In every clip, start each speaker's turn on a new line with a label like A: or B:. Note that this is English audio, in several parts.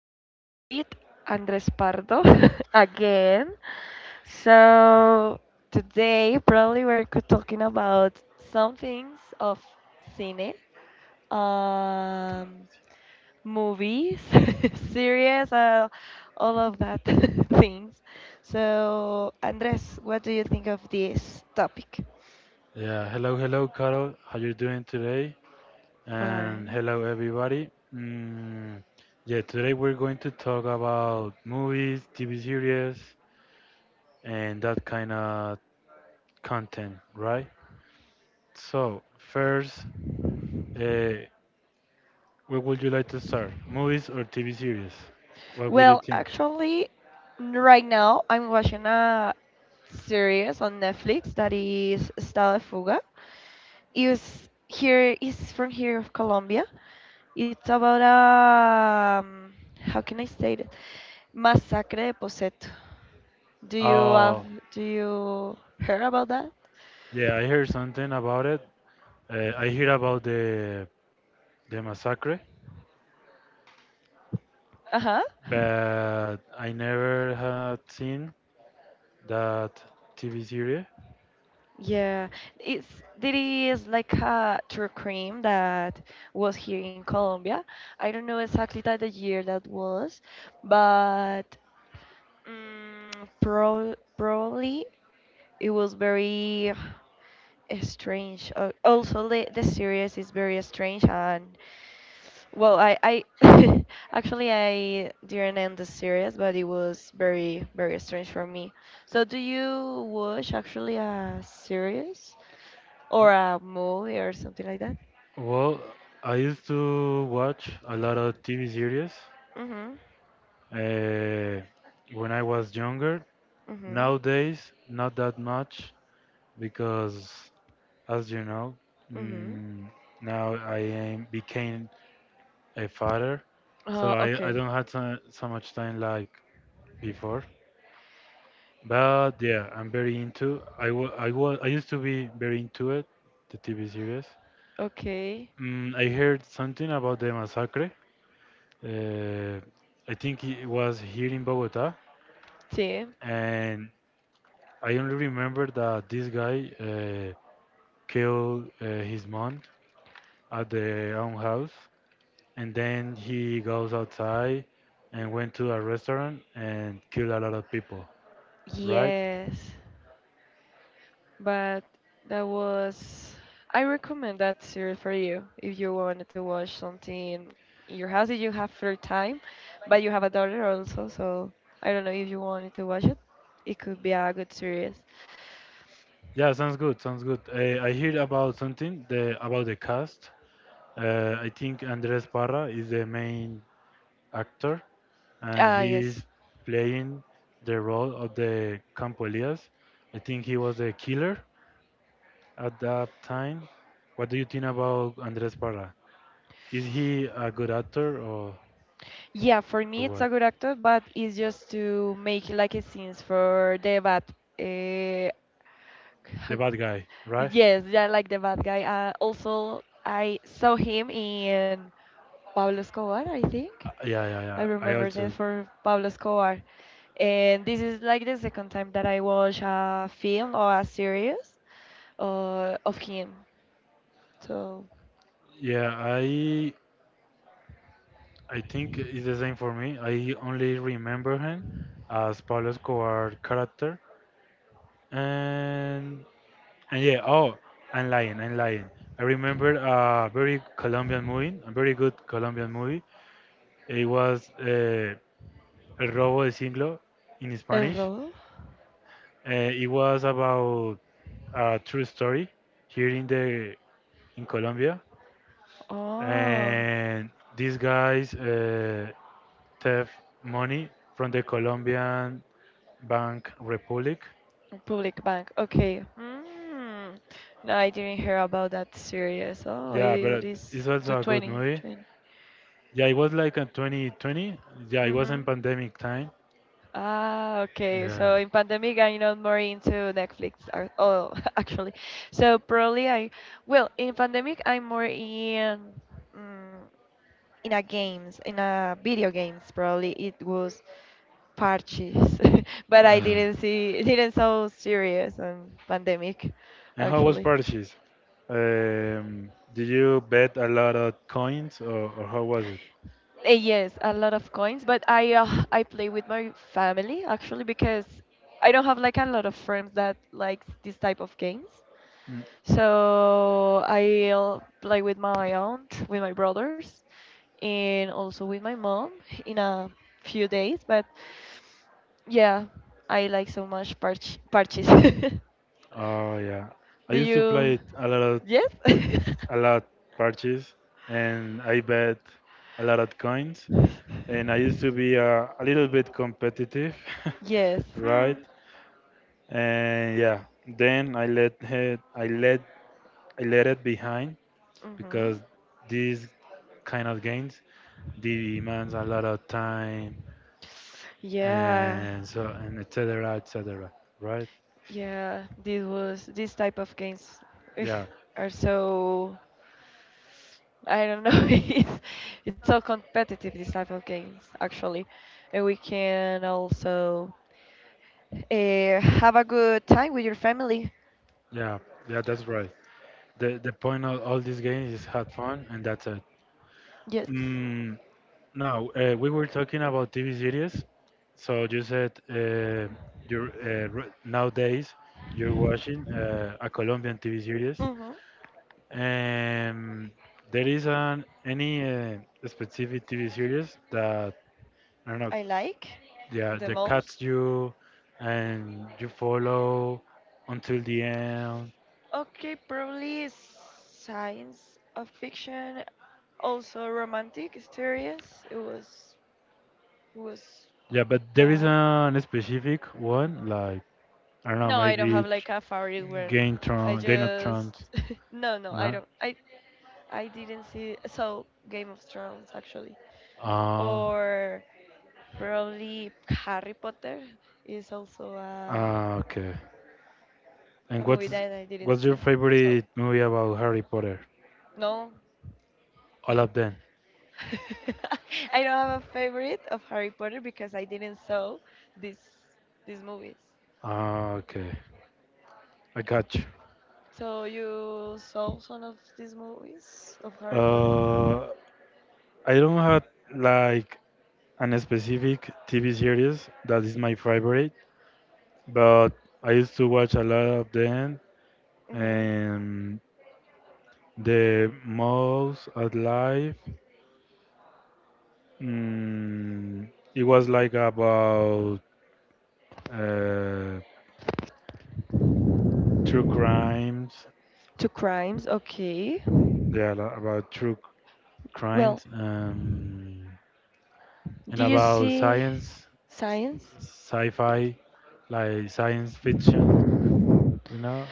A: podcast with Andres Pardo again. So Today probably talking about some things of cine, um, movies, series, all of that things. So Andres, what do you think of this topic?
B: Yeah, hello, hello, Carol. How you doing today? And
A: Fine.
B: hello, everybody. Yeah, today we're going to talk about movies, TV series, and that kind of content, right? So, first, uh, where would you like to start? Movies or TV series? What would you
A: Well,
B: think?
A: actually, right now I'm watching a series on Netflix that is Estado de Fuga. It's here is from here of Colombia. It's about a how can I say it? Masacre de Poseto. Do you have
B: Oh,
A: do you heard about that?
B: yeah, I heard something about it. I hear about the massacre,
A: Uh-huh.
B: but I never had seen that TV series?
A: Yeah, it's there is like a true crime that was here in Colombia. I don't know exactly that the year that was, but probably it was very strange. Also, the series is very strange and well, I actually I didn't end the series, but it was very strange for me. So, do you watch actually a series or a movie or something like that?
B: Well, I used to watch a lot of TV series
A: Mhm.
B: uh, when I was younger.
A: Mhm.
B: Nowadays, not that much because, as you know,
A: Mhm.
B: mm, now I am, became a father, so I,
A: Okay.
B: I don't have so much time like before. But yeah, I'm very into. I used to be very into it, the TV series.
A: Okay.
B: I heard something about the massacre. Uh, I think it was here in Bogota,
A: Sí.
B: and I only remember that this guy killed his mom at their own house, and then he goes outside and went to a restaurant and killed a lot of people. Right?
A: Yes. But that was. I recommend that series for you if you wanted to watch something in your house. If you have free time, but you have a daughter also, so I don't know if you wanted to watch it. It could be a good series.
B: Yeah, sounds good. Sounds good. I heard about about the cast. I think Andres Parra is the main actor, and
A: Ah, yes.
B: he's playing the role of the Campolias. I think he was the killer at that time. What do you think about Andres Parra? Is he a good actor, or,
A: Yeah, for
B: or
A: me it's
B: what?
A: a good actor, but it's just to make like a scenes for the bad. Uh,
B: The bad guy, right?
A: yes, yeah, like the bad guy. Also, I saw him in Pablo Escobar, I think.
B: Yeah, yeah,
A: I
B: yeah. I
A: remember
B: also,
A: this for Pablo Escobar. And this is like the second time that I watch a film or a series of him. So,
B: yeah, I think it's the same for me. I only remember him as Pablo Escobar character, and And yeah, oh, I'm lying, I'm lying. I remember a very Colombian movie, a very good Colombian movie. It was El Robo del Siglo in
A: El
B: Spanish.
A: Robo?
B: It was about a true story here in the in Colombia,
A: Oh,
B: and these guys theft money from the Colombian Bank Republic.
A: Public Bank. Okay. Mm. No, I didn't hear about that series. Oh,
B: Yeah, but
A: it is
B: it's
A: to
B: also a good movie.
A: 2020.
B: Yeah, it was like a 2020. Yeah, it was
A: Mm-hmm.
B: in pandemic time.
A: Ah, okay.
B: Yeah.
A: So in pandemic, I'm not more into Netflix. Actually, so probably I well in pandemic I'm more in mm, in a games in a video games. Probably it was parches, but I
B: Uh,
A: didn't see didn't so serious on pandemic,
B: and how was
A: actually.
B: purchase? Did you bet a lot of coins, or how was it?
A: Yes, a lot of coins, but I play with my family actually because I don't have like a lot of friends that likes this type of games.
B: Mm,
A: So I'll play with my aunt, with my brothers, and also with my mom in a few days. But yeah, I like so much parches.
B: oh yeah, I
A: Do
B: used to
A: you?
B: play it a lot,
A: Yes.
B: a lot purchase, and I bet a lot of coins. And I used to be a little bit competitive,
A: Yes. Hmm.
B: right? And yeah, then I let it behind
A: Mm-hmm.
B: because these kind of games demands a lot of time
A: Yeah.
B: and so, and etc., etc., right?
A: Yeah. This type of games ugh,
B: Yeah,
A: are so I don't know. It's so competitive this type of games actually, and we can also have a good time with your family.
B: yeah, yeah, that's right. The point of all these games is have fun, and that's it.
A: Yes.
B: mm, Now, we were talking about tv series, so you said, you're, nowadays you're watching a colombian tv series.
A: Mm-hmm.
B: Um, there is an any specific TV series that, I don't know,
A: I like
B: yeah,
A: the
B: that cuts
A: most.
B: you and you follow until the end.
A: Okay, probably science of fiction, also romantic series. It was
B: Yeah, but there is
A: fun.
B: an specific one like, I don't know,
A: No, I don't
B: maybe
A: have like a favorite one.
B: Game
A: I
B: Tron, Game of
A: just
B: Thrones.
A: no no I
B: No.
A: don't I didn't see so Game of Thrones actually
B: Ah,
A: or probably Harry Potter is also
B: ah, okay.
A: a
B: And
A: movie
B: what's
A: that I didn't
B: what's your
A: see. So
B: favorite movie about Harry Potter?
A: no.
B: All of them.
A: I don't have a favorite of Harry Potter because I didn't saw this these movies.
B: Ah, okay. I got you.
A: So you saw some of these movies of Harry Potter?
B: Uh, I don't have like an specific TV series that is my favorite, but I used to watch a lot of them.
A: Hmm
B: And the most alive, mm, it was like about uh, true crimes.
A: Two crimes, okay.
B: Yeah, about true
A: Well,
B: crimes, and
A: do you
B: about
A: see
B: science,
A: Science?
B: sci-fi, like science fiction. You know,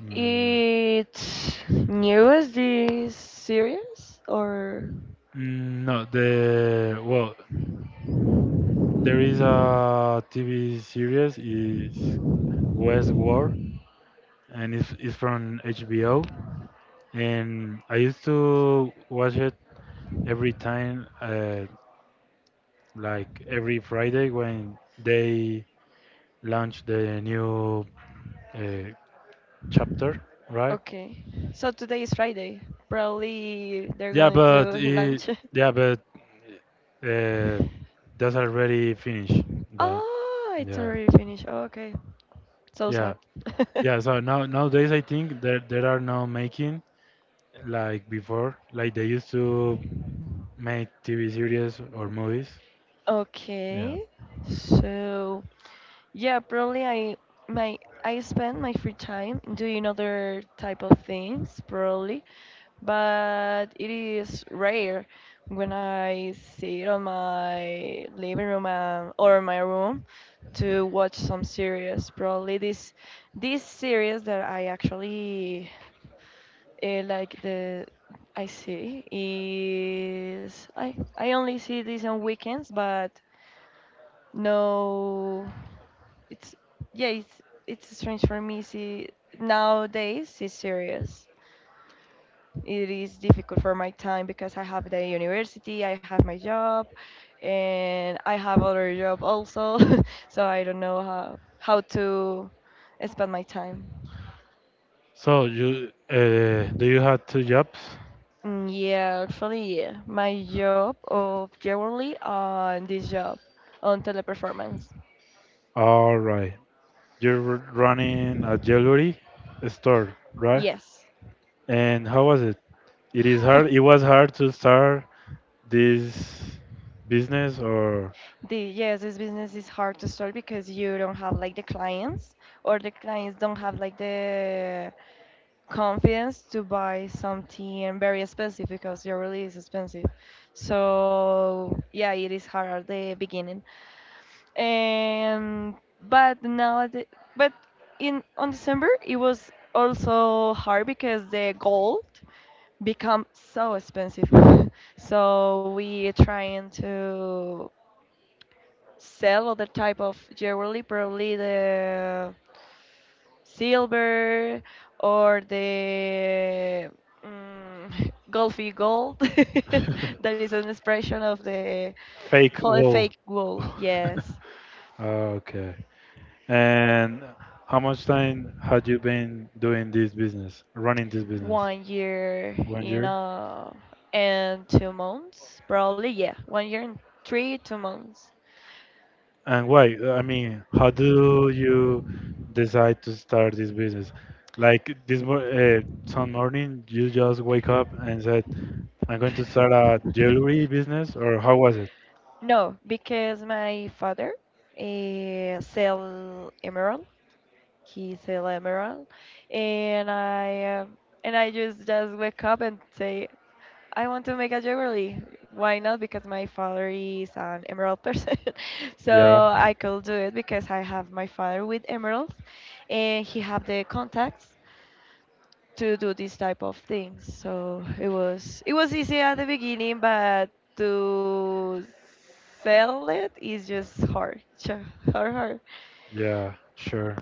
B: mm,
A: It's new as this series or
B: no, the well, there is a TV series is Westworld, and it's from HBO, and I used to watch it every time, like every Friday when they launch the new uh, chapter, right?
A: okay. So today is Friday. Probably they're
B: Yeah,
A: going
B: but
A: to lunch.
B: yeah, but uh, that's already finished. That.
A: Oh, it's
B: Yeah,
A: already finished. Oh, okay. So
B: yeah.
A: sad.
B: Yeah, so nowadays I think that there are no making like before, like they used to make TV series or movies.
A: Okay. So yeah, probably I my I spend my free time doing other type of things, probably but it is rare when I sit on my living room or my room to watch some series. Probably this series that I actually like the I see is I only see this on weekends, but no, it's yeah it's strange for me see nowadays see series. It is difficult for my time because I have the university, I have my job, and I have other job also. So I don't know how to spend my time.
B: So, you do you have 2 jobs?
A: Yeah, actually, yeah. My job of yearly on this job on teleperformance.
B: All right, you're running a jewelry store, right?
A: Yes.
B: And how was it? It is hard. It was hard to start this business. Or
A: The Yes, this business is hard to start because you don't have like the clients or the clients don't have like the confidence to buy something very expensive because your release is expensive. So yeah, it is hard at the beginning. And but now at the, but In on December it was also hard because the gold become so expensive. So we trying to sell other type of jewelry, probably the silver or the golfy gold. That is an expression of the
B: fake
A: for
B: goal.
A: fake gold. Yes,
B: Okay. And how much time had you been doing this business, running this business?
A: 1 year
B: One
A: in
B: year?
A: and 2 months, probably. Yeah, 1 year and three two months.
B: And why? I mean, how do you decide to start this business? Like this some morning, you just wake up and said, "I'm going to start a jewelry business," or how was it?
A: No, because my father sell emerald. He's a Emerald, and I just wake up and say I want to make a jewelry. Why not? Because my father is an emerald person,
B: Yeah,
A: so I could do it because I have my father with emeralds, and he have the contacts to do this type of things. So it was easy at the beginning, but to sell it is just hard, hard, hard.
B: yeah, sure.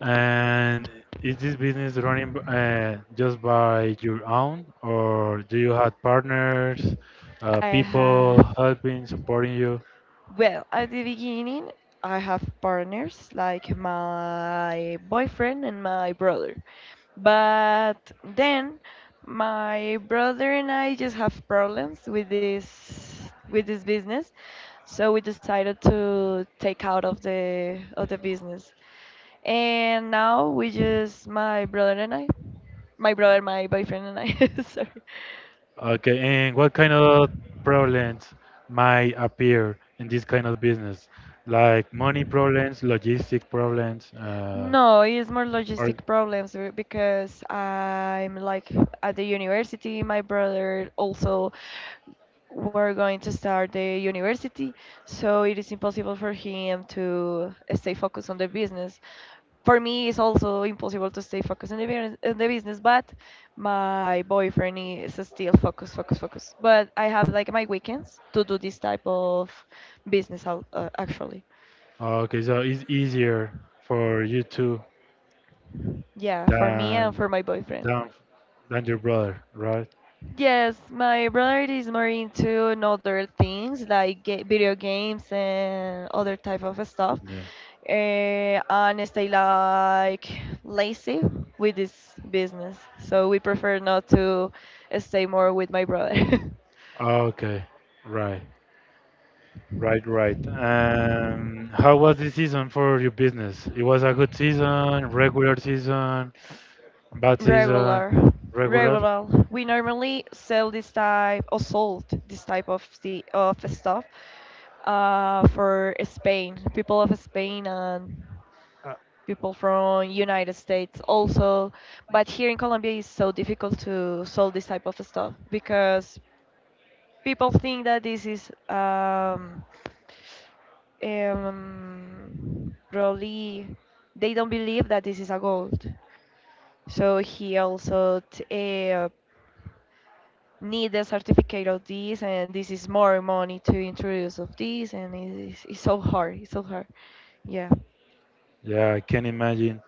B: And is this business running just by your own, or do you have partners,
A: I had
B: people helping, supporting you?
A: Well, at the beginning, I have partners like my boyfriend and my brother. But then my brother and I just have problems with this business, so we decided to take out of the business. And now we just my brother, my boyfriend and I, sorry.
B: Okay, and what kind of problems might appear in this kind of business? Like money problems, logistic problems,
A: No, it's more
B: or
A: logistic problems because I'm like at the university. My brother also were going to start the university, so it is impossible for him to stay focused on the business. For me, it's also impossible to stay focused on the business, but my boyfriend is still focus. But I have like my weekends to do this type of business, actually.
B: okay, so it's easier for you two
A: Yeah, for me and
B: than
A: for my boyfriend.
B: than than your brother, right?
A: Yes, my brother is more into other things like video games and other type of stuff,
B: Yeah.
A: and stay like lazy with this business. So we prefer not to stay more with my brother.
B: Okay, right. Right, right. How was the season for your business? It was a good season, regular season, bad season,
A: Regular.
B: regular.
A: We normally sell this type or sold this type of the of stuff for spain people of spain and
B: Uh,
A: people from united states also, but here in colombia it's so difficult to sell this type of stuff because people think that this is probably they don't believe that this is a gold so he also uh, need a certificate of this, and this is more money to introduce of this, and it's so hard. It's so hard. Yeah.
B: Yeah, I can imagine.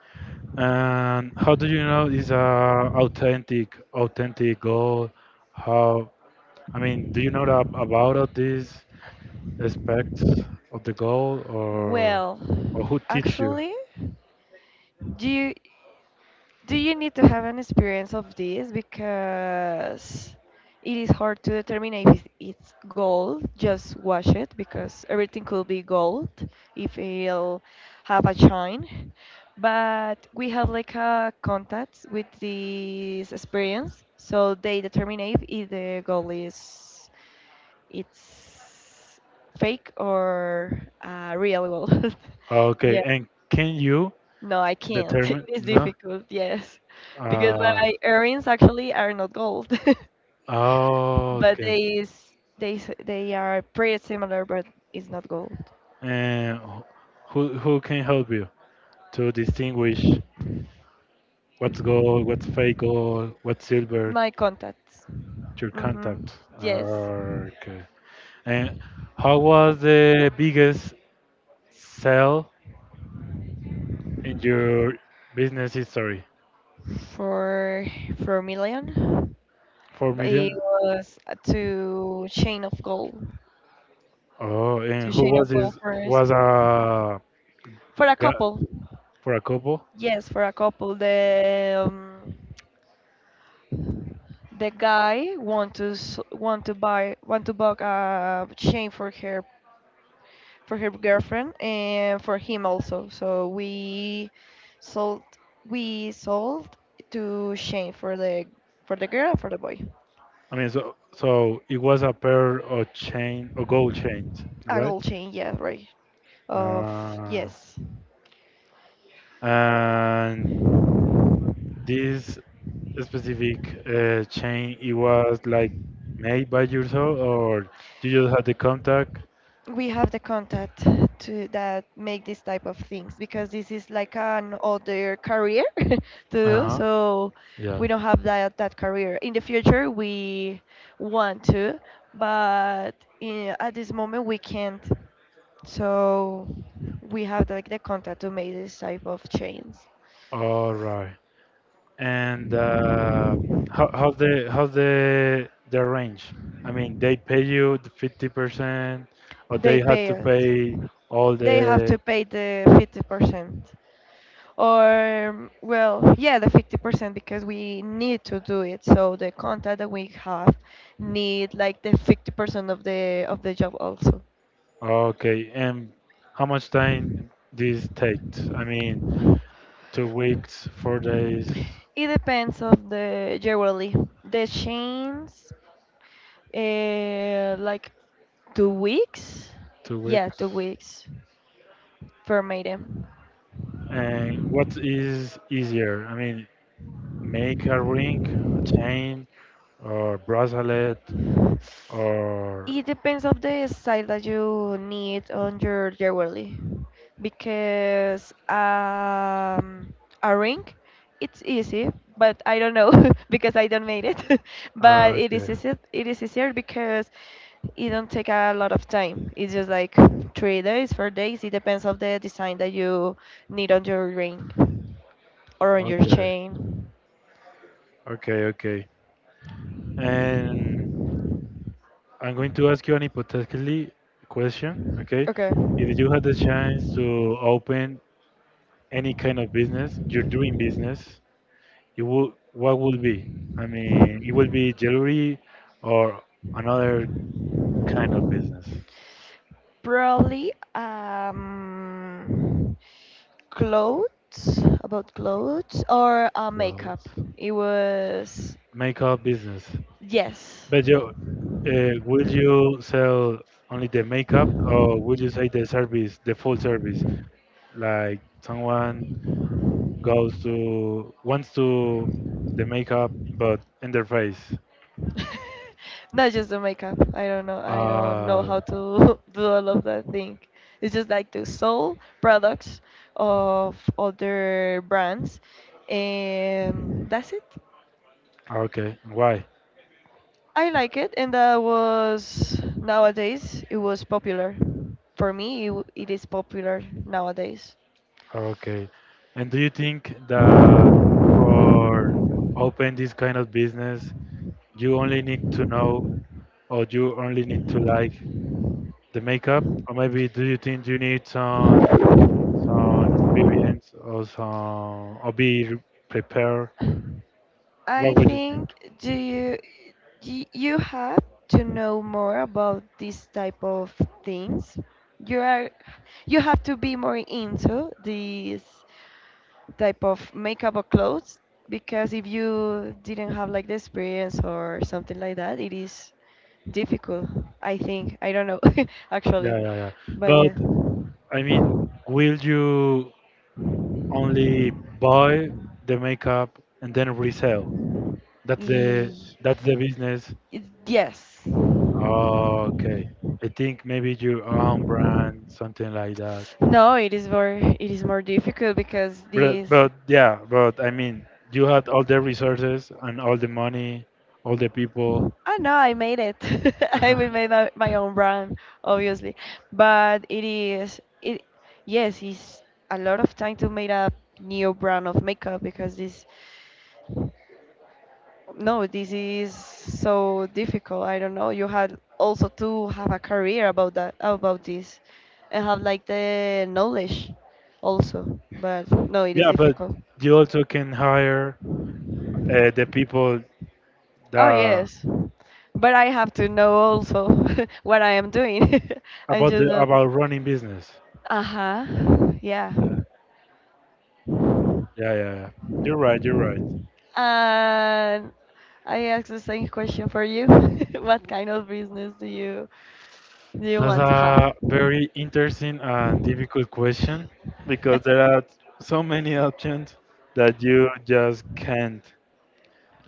B: And how do you know it's a authentic goal? How, I mean, do you know about all these aspects of the goal, or
A: Well,
B: who teach you?
A: actually, do you? Do you need to have an experience of this? Because it is hard to determine if it's gold, just wash it because everything could be gold if it'll have a shine. But we have like a contact with this experience, so they determine if the gold is it's fake or real gold.
B: Okay, and can you
A: No, I can't. It
B: determine?
A: is
B: No.
A: difficult, yes, because
B: Uh,
A: my earrings actually are not gold,
B: Oh,
A: but
B: okay.
A: they is they s- they are pretty similar, but it's not gold.
B: And who can help you to distinguish what's gold, what's fake gold, what's silver?
A: My contacts,
B: Your
A: mm-hmm.
B: contact.
A: Yes,
B: Okay. And how was the biggest sale in your business history?
A: for for a million,
B: Four
A: but it
B: million.
A: was a two chain of gold,
B: Oh, and
A: two
B: who
A: chain
B: was
A: of gold
B: this?
A: first
B: Was a
A: for a
B: guy
A: couple.
B: for a couple?
A: Yes, for a couple. The guy want to buy a chain for her girlfriend and for him also. So sold we sold two chain for the girl and for the boy.
B: I mean, so, it was a pair of chain, or gold chains,
A: A
B: right?
A: gold chain, yeah, right. Of
B: Ah.
A: yes.
B: And this specific chain, it was like made by yourself, or you just had the contact?
A: We have the contact to that make this type of things because this is like an other career to do
B: Uh-huh.
A: so.
B: Yeah,
A: We don't have that career. In the future we want to, but in, at this moment we can't, so we have like the contact to make this type of change.
B: all right. And how, how's the range? I mean, they pay you the 50%, or
A: They
B: they had
A: pay
B: to
A: it.
B: pay all
A: They have to
B: the.
A: pay the 50%, or well yeah the 50% because we need to do it so the contact that we have need like the 50% of the job also.
B: Okay, and how much time this takes? I mean, 2 weeks, 4 days,
A: It depends of the generally the chains like 2 weeks,
B: two
A: yeah two
B: weeks
A: weeks for maiden.
B: And what is easier? I mean, make a ring, a chain, or bracelet, or
A: It depends of the style that you need on your jewelry, because a ring, it's easy, but I don't know because I don't made it. But
B: ah,
A: it
B: okay,
A: is easy, it is easier because it don't take a lot of time. It's just like 3 days, 4 days. It depends of the design that you need on your ring or on your
B: okay,
A: chain.
B: okay, okay. And I'm going to ask you an hypothetically question, okay?
A: Okay.
B: If you had the chance to open any kind of business, your dream business, you would what would be? I mean, it would be jewelry or another kind of business.
A: Probably about clothes or makeup.
B: Clothes.
A: It was
B: Makeup business.
A: yes.
B: But you, will you sell only the makeup, or will you say the service, the full service? Like someone goes to wants to the makeup, but in their face.
A: Not just the makeup. I don't know. I don't know
B: Uh,
A: how to do all of that thing. It's just like to sell products of other brands, and that's it.
B: okay. Why?
A: I like it, and that was nowadays. It was popular. For me, it is popular nowadays.
B: Okay. And do you think that for open this kind of business, you only need to know, or you only need to like the makeup, or maybe do you think you need some experience, or some, or be prepared? What
A: I
B: would you think?
A: think you have to know more about this type of things. You are you have to be more into this type of makeup or clothes because if you didn't have like the experience or something like that, it is difficult. I think I don't know actually,
B: Yeah, yeah, yeah.
A: but yeah.
B: But I mean, will you only buy the makeup and then resell? That's the
A: Y-
B: that's the business.
A: yes.
B: Oh, okay. I think maybe your own brand, something like that.
A: No, it is more difficult because
B: But
A: this
B: but yeah, but I mean, you had all the resources and all the money, all the people.
A: oh no, I made it. I will make my own brand, obviously. But it is it yes, it's a lot of time to make a new brand of makeup because this no, this is so difficult. I don't know. You had also to have a career about this and have like the knowledge also. But no, it is
B: Yeah, but
A: difficult.
B: you also can hire the people
A: Oh,
B: that,
A: yes. But I have to know also what I am doing. I'm
B: about the
A: just not.
B: about running business.
A: Uh huh. Yeah.
B: Yeah, yeah, yeah, yeah. You're right. You're right.
A: And I ask the same question for you. What kind of business do you
B: That's
A: want to have?
B: a very interesting and difficult question. Because there are so many options that you just can't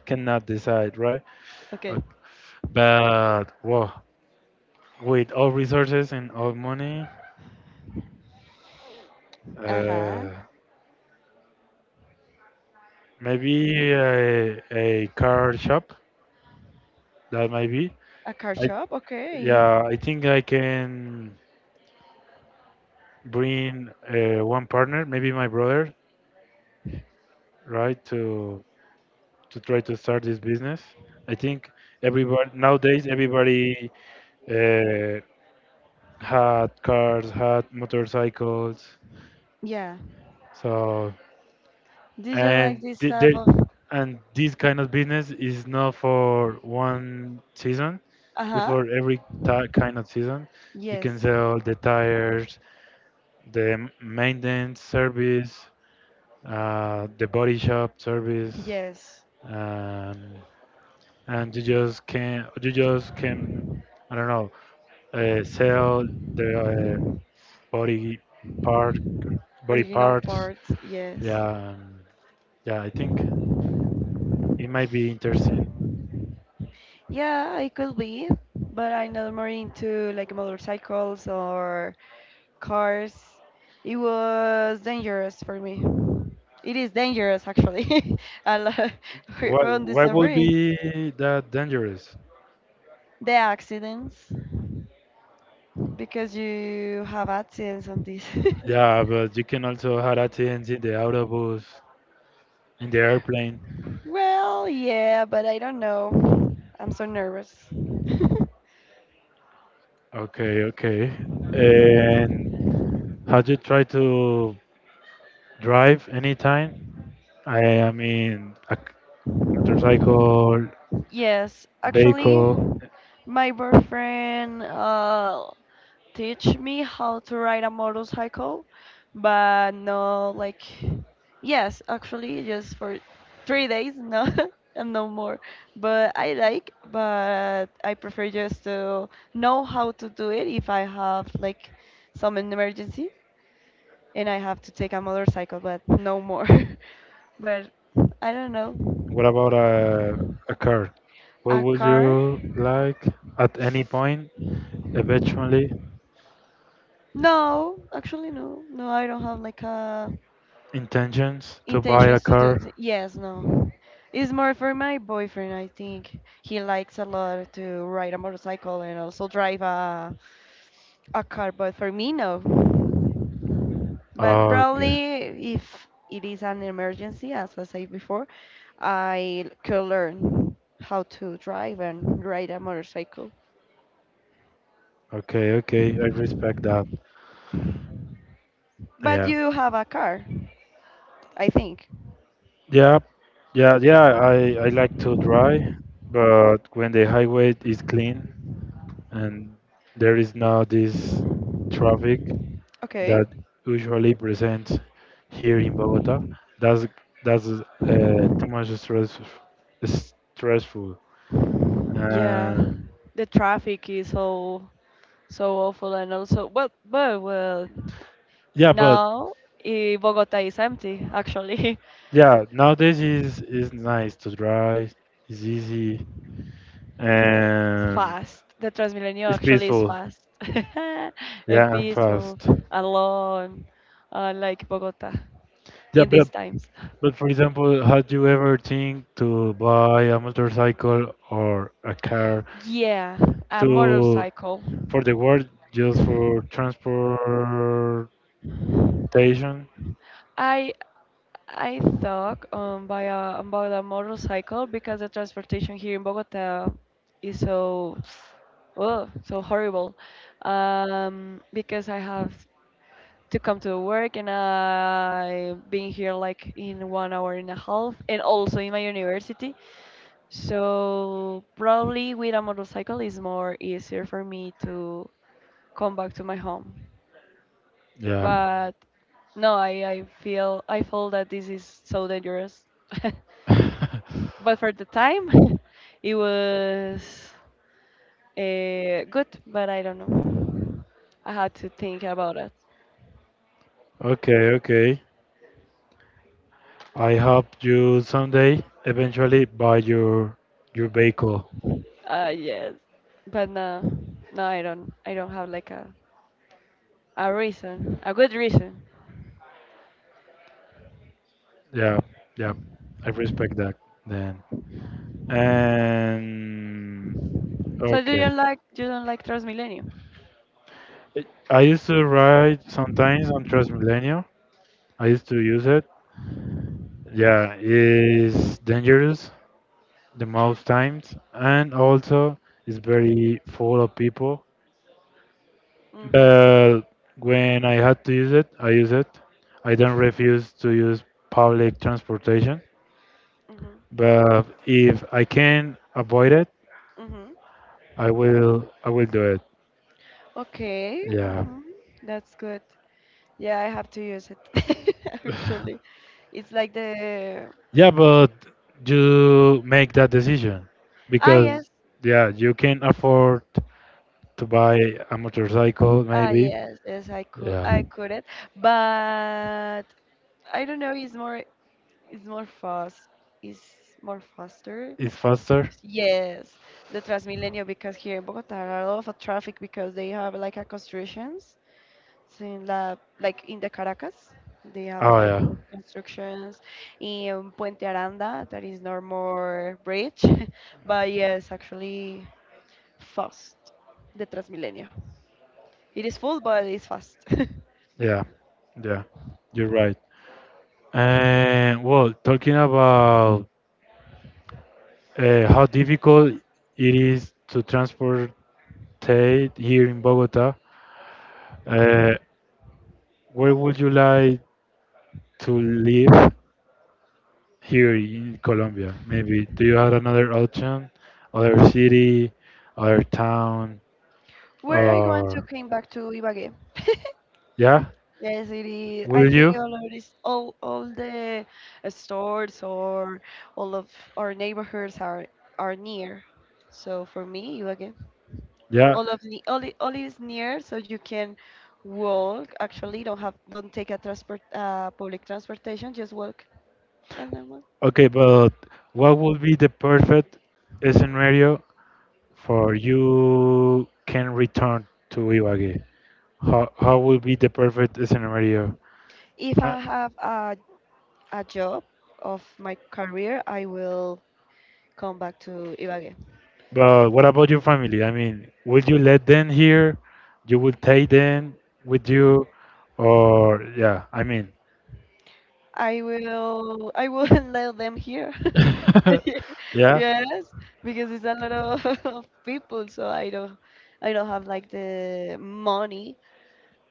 B: cannot decide, right?
A: Okay.
B: Uh, But whoa, with all resources and all money,
A: Uh huh.
B: uh, maybe a car shop, that might be.
A: A car
B: I
A: shop? Okay.
B: Yeah, I think I can bring one partner, maybe my brother, right, to try to start this business. I think everybody nowadays, everybody uh, had cars, had motorcycles,
A: Yeah.
B: so,
A: Did you like
B: and
A: this
B: th-
A: type
B: there
A: of?
B: and this kind of business is not for one season.
A: Uh
B: It's
A: huh.
B: for every ti kind of season. You can
A: Yes.
B: sell the tires, the maintenance service, the body shop service.
A: Yes.
B: um, and you just can, I don't know, sell the, body part body
A: Original
B: parts.
A: parts.
B: Yeah,
A: Yes.
B: yeah. I think it might be interesting.
A: Yeah, it could be, but I'm not more into like motorcycles or cars. It was dangerous for me. It is dangerous actually. A lot on
B: Why would
A: December,
B: be that dangerous?
A: the accidents because you have accidents on this.
B: Yeah, but you can also have accidents in the autobus, in the airplane.
A: Well, yeah, but I don't know. I'm so nervous.
B: Okay, okay. And how do you try to drive anytime? I mean, a motorcycle,
A: Yes, actually,
B: vehicle.
A: my boyfriend teach me how to ride a motorcycle, but no, like, yes, actually, just for 3 days, no, and no more. But I like, but I prefer just to know how to do it if I have like some emergency and I have to take a motorcycle, but no more. but I don't know,
B: What about a car? What
A: a
B: would
A: car.
B: you like at any point, eventually,
A: No, actually no. No, I don't have like a
B: intentions to buy a
A: intentions to do th-
B: car?
A: yes no it's more for my boyfriend I think he likes a lot to ride a motorcycle and also drive a car but for me no but
B: Okay,
A: probably if it is an emergency as I said before I could learn how to drive and ride a motorcycle
B: okay, okay. I respect that.
A: but
B: Yeah,
A: you have a car I think
B: yeah, yeah, yeah. I like to drive, but when the highway is clean and there is not this traffic,
A: okay.
B: that usually present here in Bogota. That's that's too much stressful.
A: Yeah,
B: Um,
A: the traffic is so so awful, and also well, but well.
B: yeah, but
A: Now, eh, Bogota is empty, actually.
B: yeah, nowadays is nice to drive. It's easy
A: It's
B: and
A: fast. The Transmilenio
B: it's
A: actually is
B: peaceful.
A: fast and
B: Yeah, and
A: peaceful,
B: fast.
A: alone, unlike Bogota
B: Yeah,
A: in
B: but
A: these times.
B: but for example, had you ever think to buy a motorcycle or a car,
A: Yeah, a
B: to
A: motorcycle.
B: for the work, just for transportation?
A: I I thought about a motorcycle because the transportation here in Bogota is so oh, so horrible. Because I have to come to work and I've been here like in 1 hour and a half, and also in my university. So probably with a motorcycle is more easier for me to come back to my home.
B: Yeah.
A: But no, I feel that this is so dangerous. But for the time, it was good. But I don't know. I had to think about it.
B: Okay, okay. I hope you someday eventually buy your vehicle.
A: Yes, but no, no, I don't. I don't have like a reason, a good reason.
B: Yeah, yeah. I respect that then. And
A: So do you
B: okay.
A: like you don't like Transmilenio?
B: I used to ride sometimes on Transmilenio. I used to use it. Yeah, it's dangerous the most times and also it's very full of people.
A: Mhm,
B: But when I had to use it. I don't refuse to use public transportation.
A: mhm,
B: But if I can avoid it,
A: mhm.
B: I will. I will do it.
A: Okay,
B: Yeah.
A: mhm. That's good. Yeah, I have to use it. Actually, it's like the
B: Yeah, but you make that decision
A: ah
B: because
A: yes,
B: yeah, you can afford to buy a motorcycle
A: ah
B: maybe.
A: yes, yes. I could,
B: Yeah.
A: I could it, but I don't know. It's more fast. It's more faster.
B: It's faster.
A: Yes, the Transmilenio because here in Bogota there are a lot of traffic because they have like a constructions. So in la like in the Caracas, they have a
B: Oh
A: like
B: yeah.
A: of constructions in Puente Aranda that is no more bridge, but yes, actually fast the Transmilenio. It is full, but it's fast.
B: Yeah. Yeah. You're right. And well, talking about how difficult it is to transportate here in Bogota. Uh, where would you like to live here in Colombia? Maybe do you have another option, other city, other town,
A: Where I going to
B: or
A: came back to Ibagué.
B: yeah?
A: Yes, it is. I
B: Will
A: think
B: you?
A: all of this, all the stores or all of our neighborhoods are near. So for me, again,
B: Yeah.
A: all of the all is near, so you can walk. Actually, don't take a transport public transportation. Just walk. And then walk.
B: Okay, but what would be the perfect scenario for you can return to Ibagué? How would be the perfect scenario?
A: If
B: Uh,
A: I have a job of my career, I will come back to Ibagué.
B: But what about your family? I mean, would you let them here? You would take them with you? Or, yeah, I mean,
A: I wouldn't let them hear.
B: yeah,
A: Yes, because it's a lot of, of people, so I don't have like the money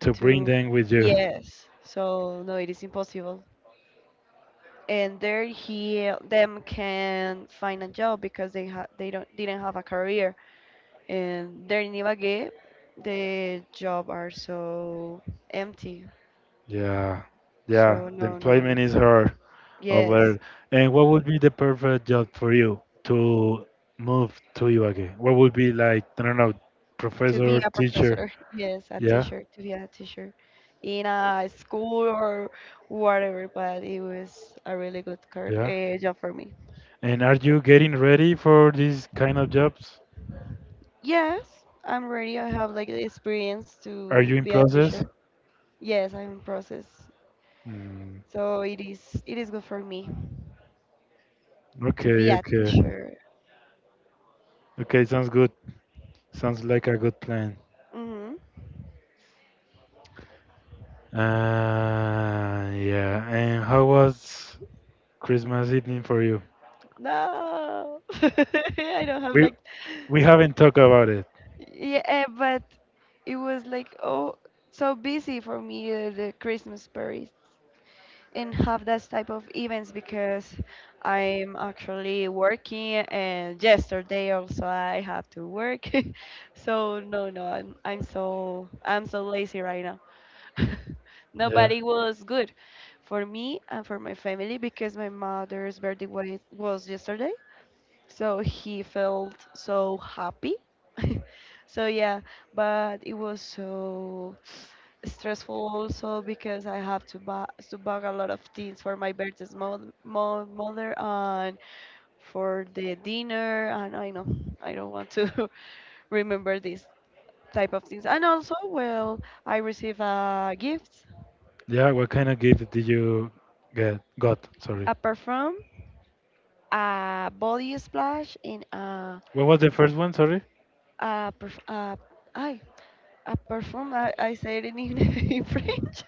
B: to bring
A: to
B: them with you.
A: yes. So no, it is impossible. And there he them can find a job because they ha they don't didn't have a career. And there in Ibagué, the job are so empty.
B: Yeah, yeah,
A: So
B: the
A: no, no,
B: employment
A: no.
B: is hard
A: Yes.
B: over. And what would be the perfect job for you to move to Ibagué? What would be like, I don't know,
A: To be
B: professor,
A: a
B: teacher?
A: professor. Yes, a
B: Yeah,
A: teacher, to be a teacher in a school or whatever, but it was a really good
B: yeah.
A: job for me.
B: And are you getting ready for these kind of jobs?
A: Yes, I'm ready. I have like the experience
B: Are
A: to
B: you in
A: be a
B: process?
A: teacher. Yes, I'm in process.
B: Mm,
A: So it is good for me to be
B: okay,
A: a
B: okay.
A: teacher.
B: Okay, sounds good. Sounds like a good plan.
A: Hmm.
B: Yeah. And how was Christmas evening for you?
A: No, I don't have
B: We
A: like
B: we haven't talked about it.
A: yeah, but it was like oh so busy for me the Christmas party and have that type of events because I'm actually working and yesterday also I have to work. So no no I'm so lazy right now.
B: Yeah.
A: Nobody was good for me and for my family because my mother's birthday was yesterday so he felt so happy. So yeah, but it was so stressful also because I have to buy a lot of things for my birthday's mo mo mother and for the dinner and I know I don't want to remember these type of things. And also, well, I receive a gift,
B: Yeah, what kind of gift did you get got? Sorry.
A: a perfume, a body splash, and
B: What was the first one? Sorry.
A: a perf a ay, a perform. I said it in in French.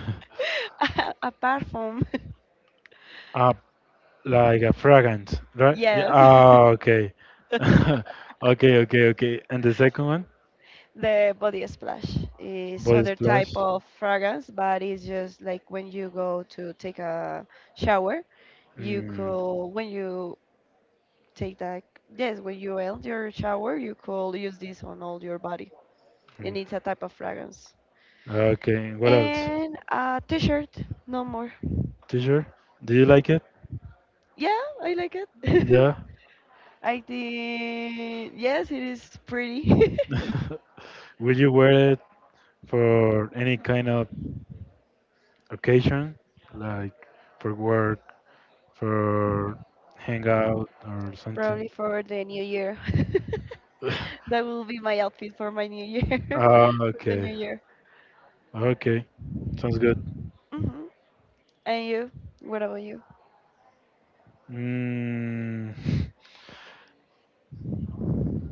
A: A, a perform.
B: Uh, like a fragrance, right? Yeah.
A: Yes.
B: Ah, okay. Okay, okay, okay. And the second one?
A: The body splash is
B: Body
A: other
B: splash.
A: type of fragrance, but it's just like when you go to take a shower, you
B: Mm.
A: could when you take that yes, when you end your shower, you could use this on all your body. And
B: Mm.
A: it's a type of fragrance.
B: Okay, what else?
A: And a t-shirt, no more.
B: T-shirt? Do you like it?
A: Yeah, I like it.
B: Yeah.
A: I think yes, it is pretty.
B: Will you wear it for any kind of occasion, like for work, for hangout, or something?
A: Probably for the new year. That will be my outfit for my new year,
B: Ah,
A: for the
B: okay,
A: new year.
B: okay, sounds good.
A: Hmm. And you? What about you?
B: Mm,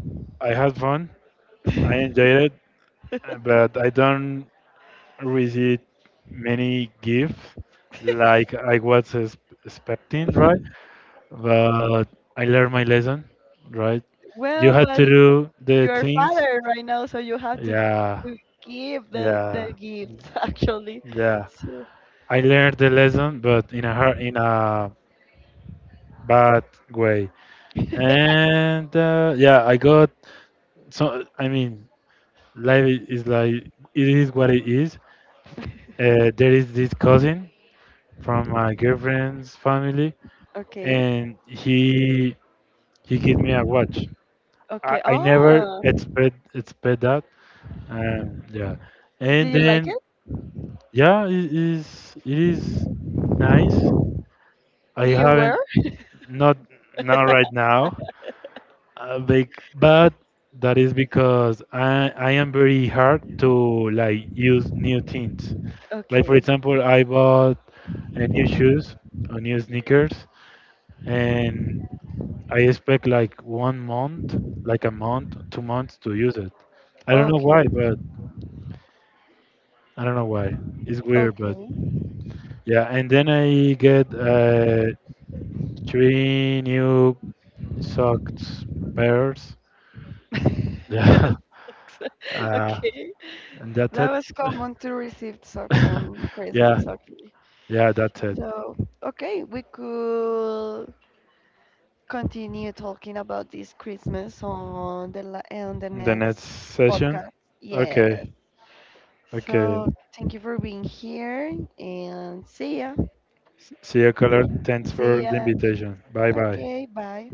B: I had fun. I enjoyed it, but I don't receive many gifts like I was expecting, right? But I learned my lesson, right? You
A: Well,
B: had
A: but
B: to do the
A: you're
B: things.
A: father right now, so you have
B: Yeah,
A: to give the
B: yeah,
A: gift actually.
B: yeah.
A: So
B: I learned the lesson, but in a hard, in a bad way. And yeah, I got so. I mean, life is like it is what it is. There is this cousin from my girlfriend's family,
A: Okay.
B: and he gave me a watch. I,
A: Okay.
B: I never
A: Oh,
B: expect that. Yeah, and
A: did you like
B: then
A: it?
B: yeah, it is nice. I
A: Did you wear?
B: haven't Not, not right now, but that is because I am very hard to like use new things. Like for
A: Okay.
B: example, I bought a new shoes or new sneakers, and I expect like 1 month, like a month, 2 months to use it. I don't know why,
A: Okay.
B: but I don't know why. It's weird, but
A: Okay.
B: yeah. And then I get three new socks pairs. Yeah. Uh,
A: Okay.
B: And that's
A: That
B: it.
A: was common to receive socks on
B: Yeah,
A: Christmas, actually.
B: yeah, that's it.
A: So, okay, we could continue talking about this Christmas on the la on the
B: The
A: next
B: next session.
A: podcast. Yes.
B: Okay, okay.
A: So, thank you for being here and see ya.
B: See you, caller. Thanks
A: See
B: for
A: ya.
B: the invitation. Bye bye.
A: Okay, bye.